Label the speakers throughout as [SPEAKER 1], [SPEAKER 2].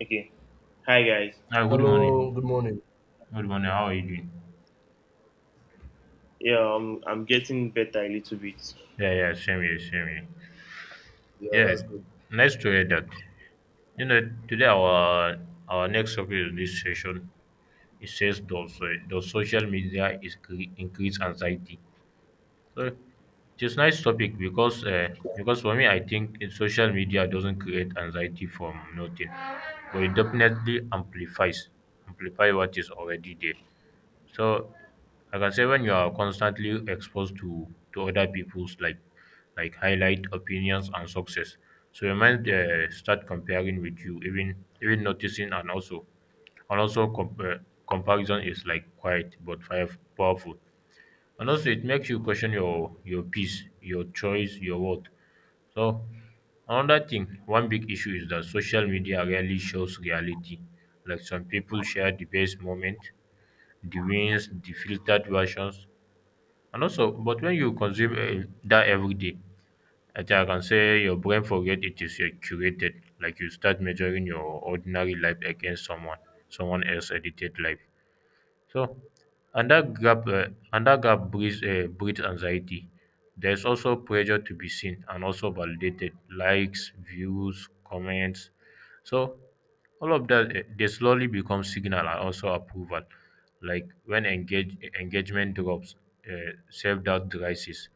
[SPEAKER 1] Okay. Hi guys.
[SPEAKER 2] Hi, good
[SPEAKER 3] Hello, good
[SPEAKER 2] morning.
[SPEAKER 3] morning.
[SPEAKER 2] Good morning. How are you doing?
[SPEAKER 1] Yeah, I'm getting better a little bit.
[SPEAKER 2] Yeah, yeah, same here, same here.
[SPEAKER 3] Yeah,
[SPEAKER 2] Yeah,
[SPEAKER 3] that's good.
[SPEAKER 2] nice to hear that. You know, today our next topic in this session it says does social media is increase anxiety? So it's nice topic because for me I think social media doesn't create anxiety from nothing, but it definitely amplifies amplify what is already there. So like I can say when you are constantly exposed to other people's like highlight opinions and success, so your mind start comparing with you, even noticing and also comparison is like quiet but fire powerful, and also it makes you question your peace, your choice, your worth. So another thing, one big issue is that social media rarely shows reality. Like some people share the best moment the rinse the filtered versions and also but when you consume dat everyday I think I can say your brain forget it is curated, like you start measuring your ordinary life against someone else edited life. So, under gap, uh, under gap breeds anxiety. There's also pressure to be seen and also validated, likes, views, comments. So, all of that they slowly become signal and also approval. Like when engagement drops, self doubt rises.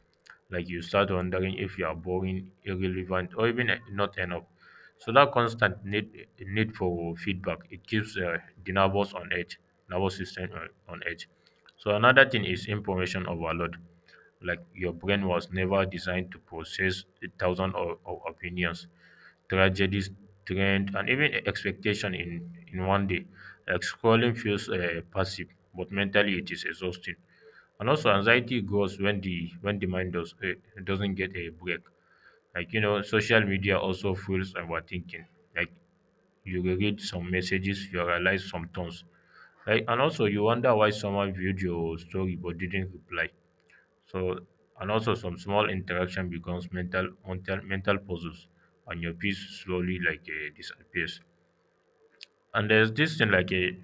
[SPEAKER 2] Like you start wondering if you are boring, irrelevant, or even not enough. So that constant need for feedback it keeps the nervous on edge nervous system on edge. So another thing is information overload. Like your brain was never designed to process a thousand of opinions, tragedies, trend, and even expectation in one day. Like scrolling feels passive, but mentally it is exhausting. And also anxiety grows when the mind doesn't get a break. Like you know, social media also fuels overthinking. Like you read some messages, you realize some tones like, and also you wonder why someone viewed your story but didn't reply. So, and also some small interaction becomes mental puzzles, and your peace slowly disappears. And there's this thing like a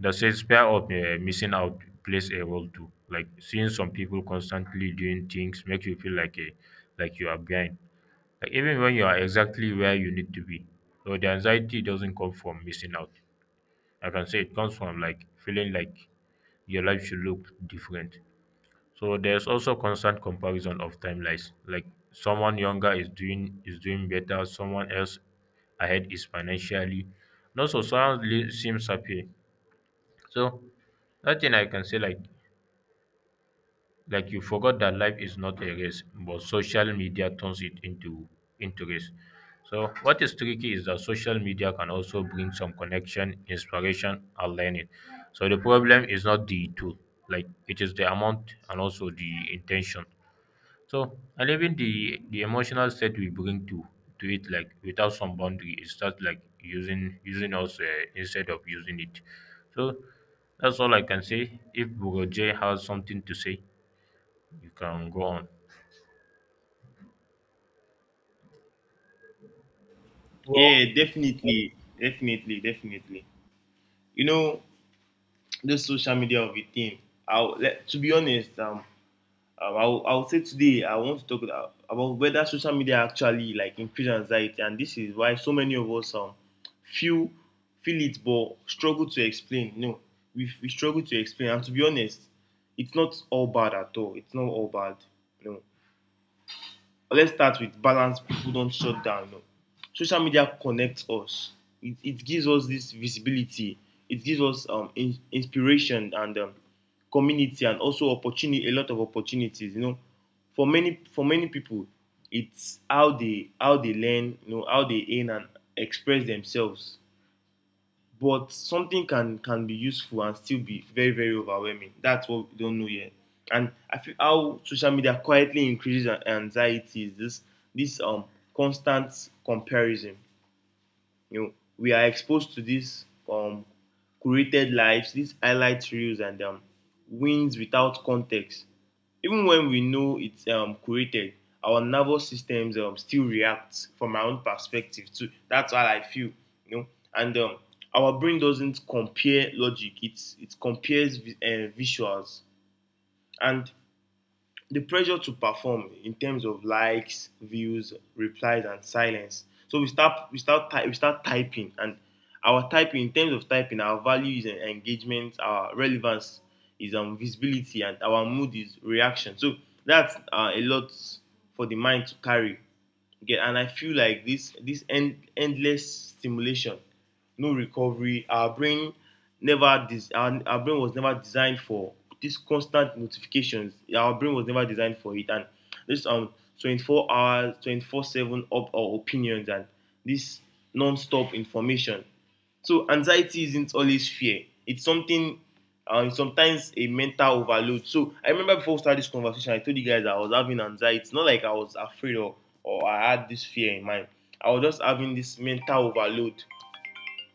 [SPEAKER 2] that says fear of missing out plays a role too. Like seeing some people constantly doing things makes you feel like you are behind. Like even when you are exactly where you need to be. So the anxiety doesn't come from missing out. Like I can say it comes from like feeling like your life should look different. So there's also constant comparison of timelines. Like someone younger is doing better, someone else ahead is financially. And also seems happy. So that thing I can say like you forgot that life is not a race, but social media turns it into race. So what is tricky is that social media can also bring some connection, inspiration, and learning. So the problem is not the tool, like it is the amount and also the intention. So and even the emotional state we bring to it, like without some boundary, it starts like using us instead of using it. So that's all I can say. If Bugoje has something to say. You can go on.
[SPEAKER 3] Well,
[SPEAKER 1] Yeah, definitely. You know, this social media of a thing. I'll let, to be honest, I'll say today I want to talk about whether social media actually like increase anxiety, and this is why so many of us feel it but struggle to explain. No, we struggle to explain, and to be honest, it's not all bad at all. It's not all bad. No. But let's start with balance people don't shut down you social media connects us, it gives us this visibility, it gives us inspiration and community and also opportunity, a lot of opportunities, you know, for many people it's how they learn, you know, how they earn and express themselves. But something can be useful and still be very very overwhelming. That's what we don't know yet. And I feel how social media quietly increases anxiety is this constant comparison. You know, we are exposed to these um curated lives, these highlight reels, and wins without context. Even when we know it's curated, our nervous systems still react from our own perspective too. That's how I feel, you know. And our brain doesn't compare logic. It's, it compares visuals. And the pressure to perform in terms of likes, views, replies, and silence. So we start typing, and our typing in terms of typing, our value is engagement, our relevance is visibility, and our mood is reaction. So that's a lot for the mind to carry. Get and I feel like this endless stimulation, no recovery. Our brain never dis, our brain was never designed for this constant notifications. Our brain was never designed for it, and this 24 hours, 24 seven up our opinions and this non-stop information. So anxiety isn't always fear. It's sometimes a mental overload. So I remember before we started this conversation, I told you guys that I was having anxiety. It's not like I was afraid or I had this fear in mind. I was just having this mental overload.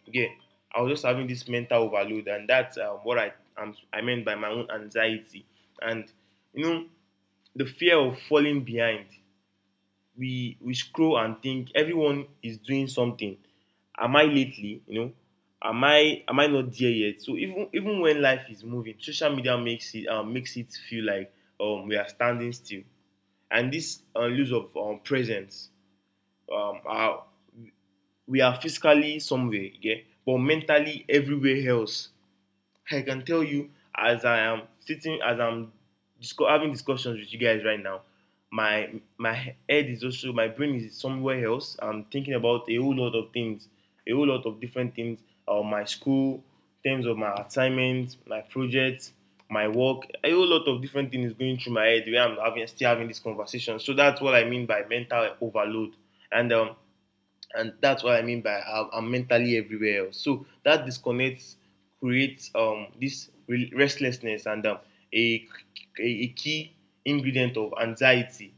[SPEAKER 1] Okay, I was just having this mental overload, and that's what I meant by my own anxiety. And you know, the fear of falling behind, we scroll and think everyone is doing something. Am I lately, you know? Am I not there yet? So even when life is moving, social media makes it feel like we are standing still. And this lose of presence um, are, we are physically somewhere, yeah, but mentally everywhere else. I can tell you, as I am sitting, as having discussions with you guys right now, my my head is also, my brain is somewhere else. I'm thinking about a whole lot of things, a whole lot of different things. My school, terms of my assignments, my projects, my work, a whole lot of different things going through my head where I'm having still having this conversation. So that's what I mean by mental overload. And and that's what I mean by I'm mentally everywhere else. So that disconnect creates this restlessness and a, a key ingredient of anxiety.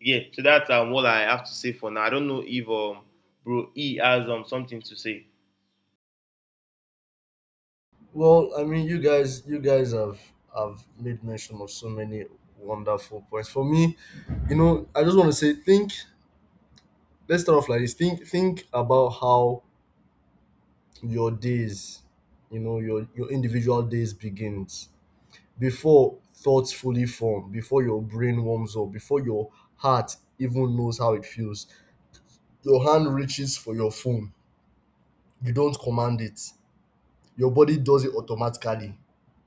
[SPEAKER 1] Yeah, so that's what I have to say for now. I don't know if bro E has something to say.
[SPEAKER 3] well, I mean, you guys have made mention of so many wonderful points. For me, you know, I just want to say, think. Let's start off like this. Think about how your days, you know, your individual days begins before thoughts fully form, before your brain warms up, before your heart even knows how it feels. Your hand reaches for your phone. You don't command it. Your body does it automatically.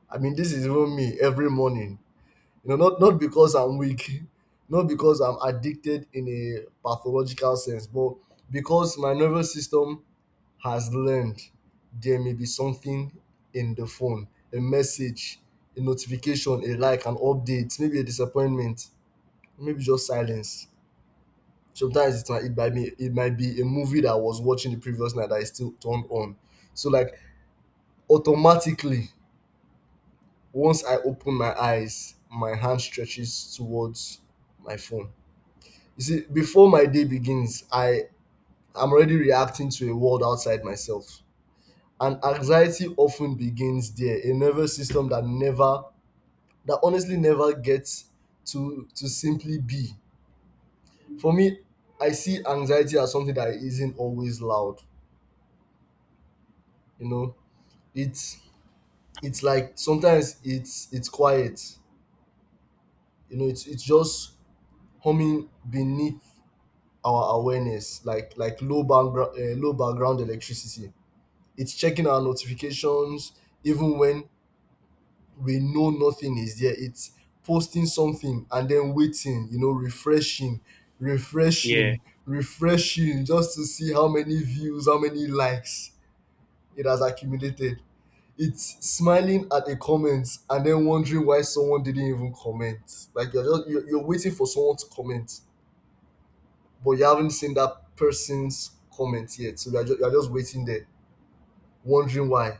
[SPEAKER 3] I mean, this is even me every morning. You know, not because I'm weak, not because I'm addicted in a pathological sense, but because my nervous system has learned there may be something in the phone, a message, a notification, a like, an update, maybe a disappointment, maybe just silence. Sometimes it might be a movie that I was watching the previous night that is still turned on. So like automatically, once I open my eyes, my hand stretches towards my phone. You see, before my day begins, I am already reacting to a world outside myself. And anxiety often begins there, a nervous system that honestly never gets to simply be. For me, I see anxiety as something that isn't always loud. You know, it's it's like sometimes it's quiet. You know, it's just humming beneath our awareness, like low background electricity. It's checking our notifications even when we know nothing is there. It's posting something and then waiting, you know, refreshing,
[SPEAKER 1] Yeah.
[SPEAKER 3] refreshing, just to see how many views, how many likes it has accumulated. It's smiling at a comment and then wondering why someone didn't even comment. Like you're waiting for someone to comment, but you haven't seen that person's comment yet. So you're just waiting there, wondering why.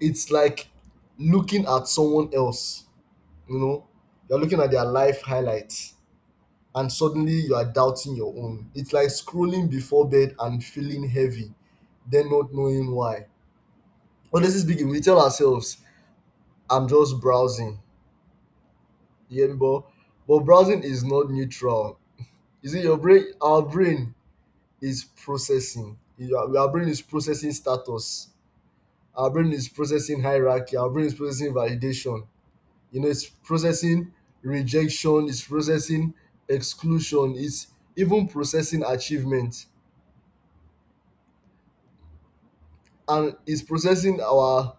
[SPEAKER 3] It's like looking at someone else, you know, you're looking at their life highlights, and suddenly you are doubting your own. It's like scrolling before bed and feeling heavy, then not knowing why. Honestly speaking, we tell ourselves, I'm just browsing. Yeah, but browsing is not neutral. You see, our brain is processing. Our brain is processing status. Our brain is processing hierarchy, our brain is processing validation, you know, it's processing rejection, it's processing exclusion, it's even processing achievement, and it's processing our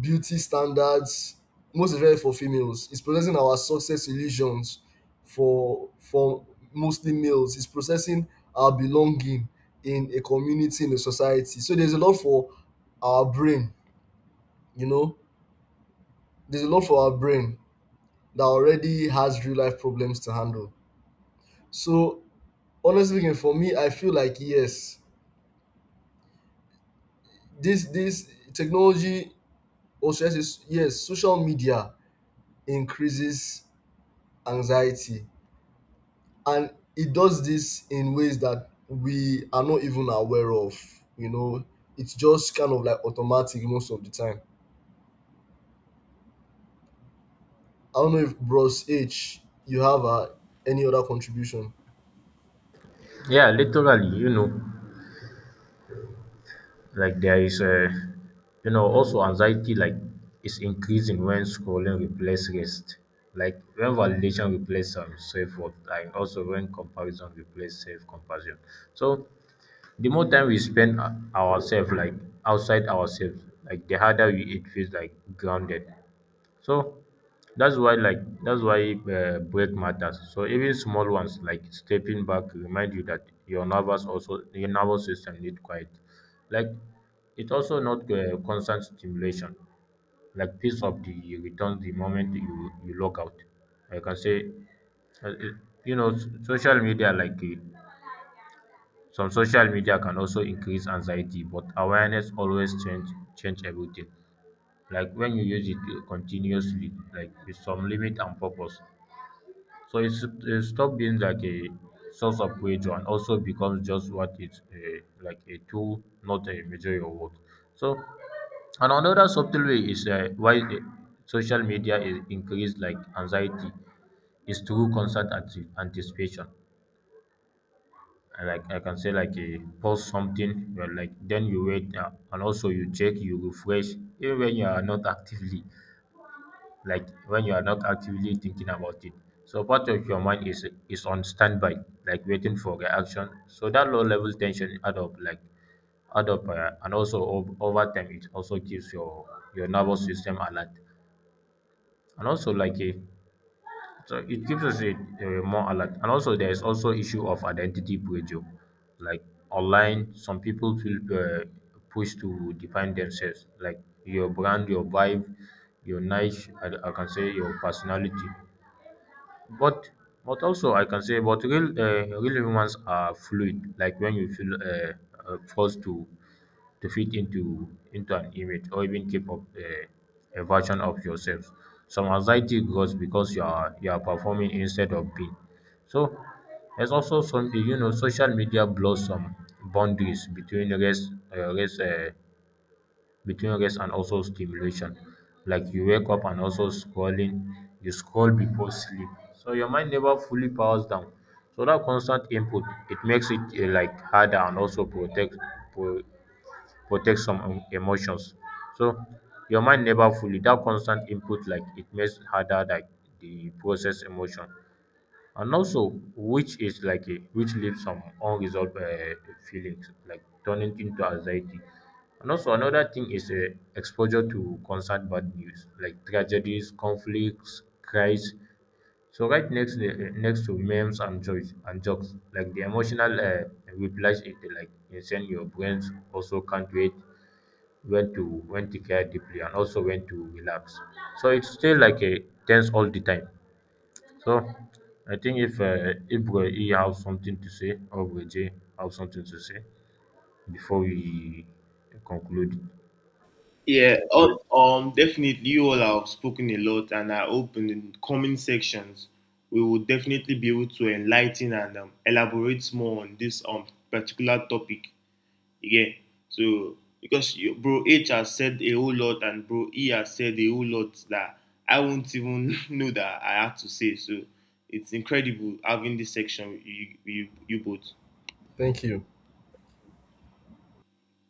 [SPEAKER 3] beauty standards, most especially for females. It's processing our success illusions for mostly males. It's processing our belonging in a community, in a society. So there's a lot for our brain, you know. There's a lot for our brain that already has real life problems to handle. So honestly speaking, for me, I feel like yes, this technology, or should I say yes, social media increases anxiety, and it does this in ways that we are not even aware of. You know, it's just kind of like automatic most of the time. I don't know if Bros H, you have any other contribution.
[SPEAKER 2] Yeah, literally, you know, like there is a, you know, also anxiety like is increasing when scrolling replace rest, like when validation replace self worth, and also when comparison replace self compassion. So the more time we spend ourselves like outside ourselves, like the harder we it feels like grounded. So that's why break matters. So even small ones like stepping back remind you that your nervous also your nervous system need quiet. Like it also not constant stimulation. Like piece of the returns the moment you log out. Like I can say, uh, it- you know, social media some social media can also increase anxiety, but awareness always change everything, like when you use it continuously like with some limit and purpose, so it's, it stop being like a source of pressure and also becomes just what it's like a tool, not a measure of worth. So and another subtle way is why the social media is increased like anxiety is through constant anticipation. And like I can say like a post something well, like then you wait, and also you check you refresh, even when you are not actively like when you are not actively thinking about it. So part of your mind is on standby, like waiting for reaction. So that low level tension add up, like add up, and also over time it also keeps your nervous system alert, and also like a so it gives us a more alert. And also there is also issue of identity pressure, like online. Some people feel pushed to define themselves, like your brand, your vibe, your niche. I can say your personality, but also I can say, but real humans are fluid. Like when you feel forced to fit into an image or even keep up a version of yourself. Some anxiety grows because you are performing instead of being. So there's also something you know. Social media blurs some boundaries between race race between rest and also stimulation, like you wake up and also scrolling, you scroll before sleep, so your mind never fully powers down, so that constant input it makes it like harder and also pro- protect some emotions. So your mind never fully that constant input like it makes harder like the process emotion, and also which is like a which leaves some unresolved feelings like turning into anxiety. And also another thing is exposure to constant bad news, like tragedies, conflicts, cries, so right next to memes and jokes, like the emotional replies it like insane your brains also can't wait when to care deeply and also when to relax, so it's still like a tense all the time. So I think if He have something to say or Weje have something to say before we conclude.
[SPEAKER 1] Yeah, Definitely, you all have spoken a lot, and I hope in the coming sections we will definitely be able to enlighten and elaborate more on this particular topic. Again, so because you, bro H has said a whole lot and bro E has said a whole lot that I won't even know that I have to say. So it's incredible having this section with you both.
[SPEAKER 3] Thank you.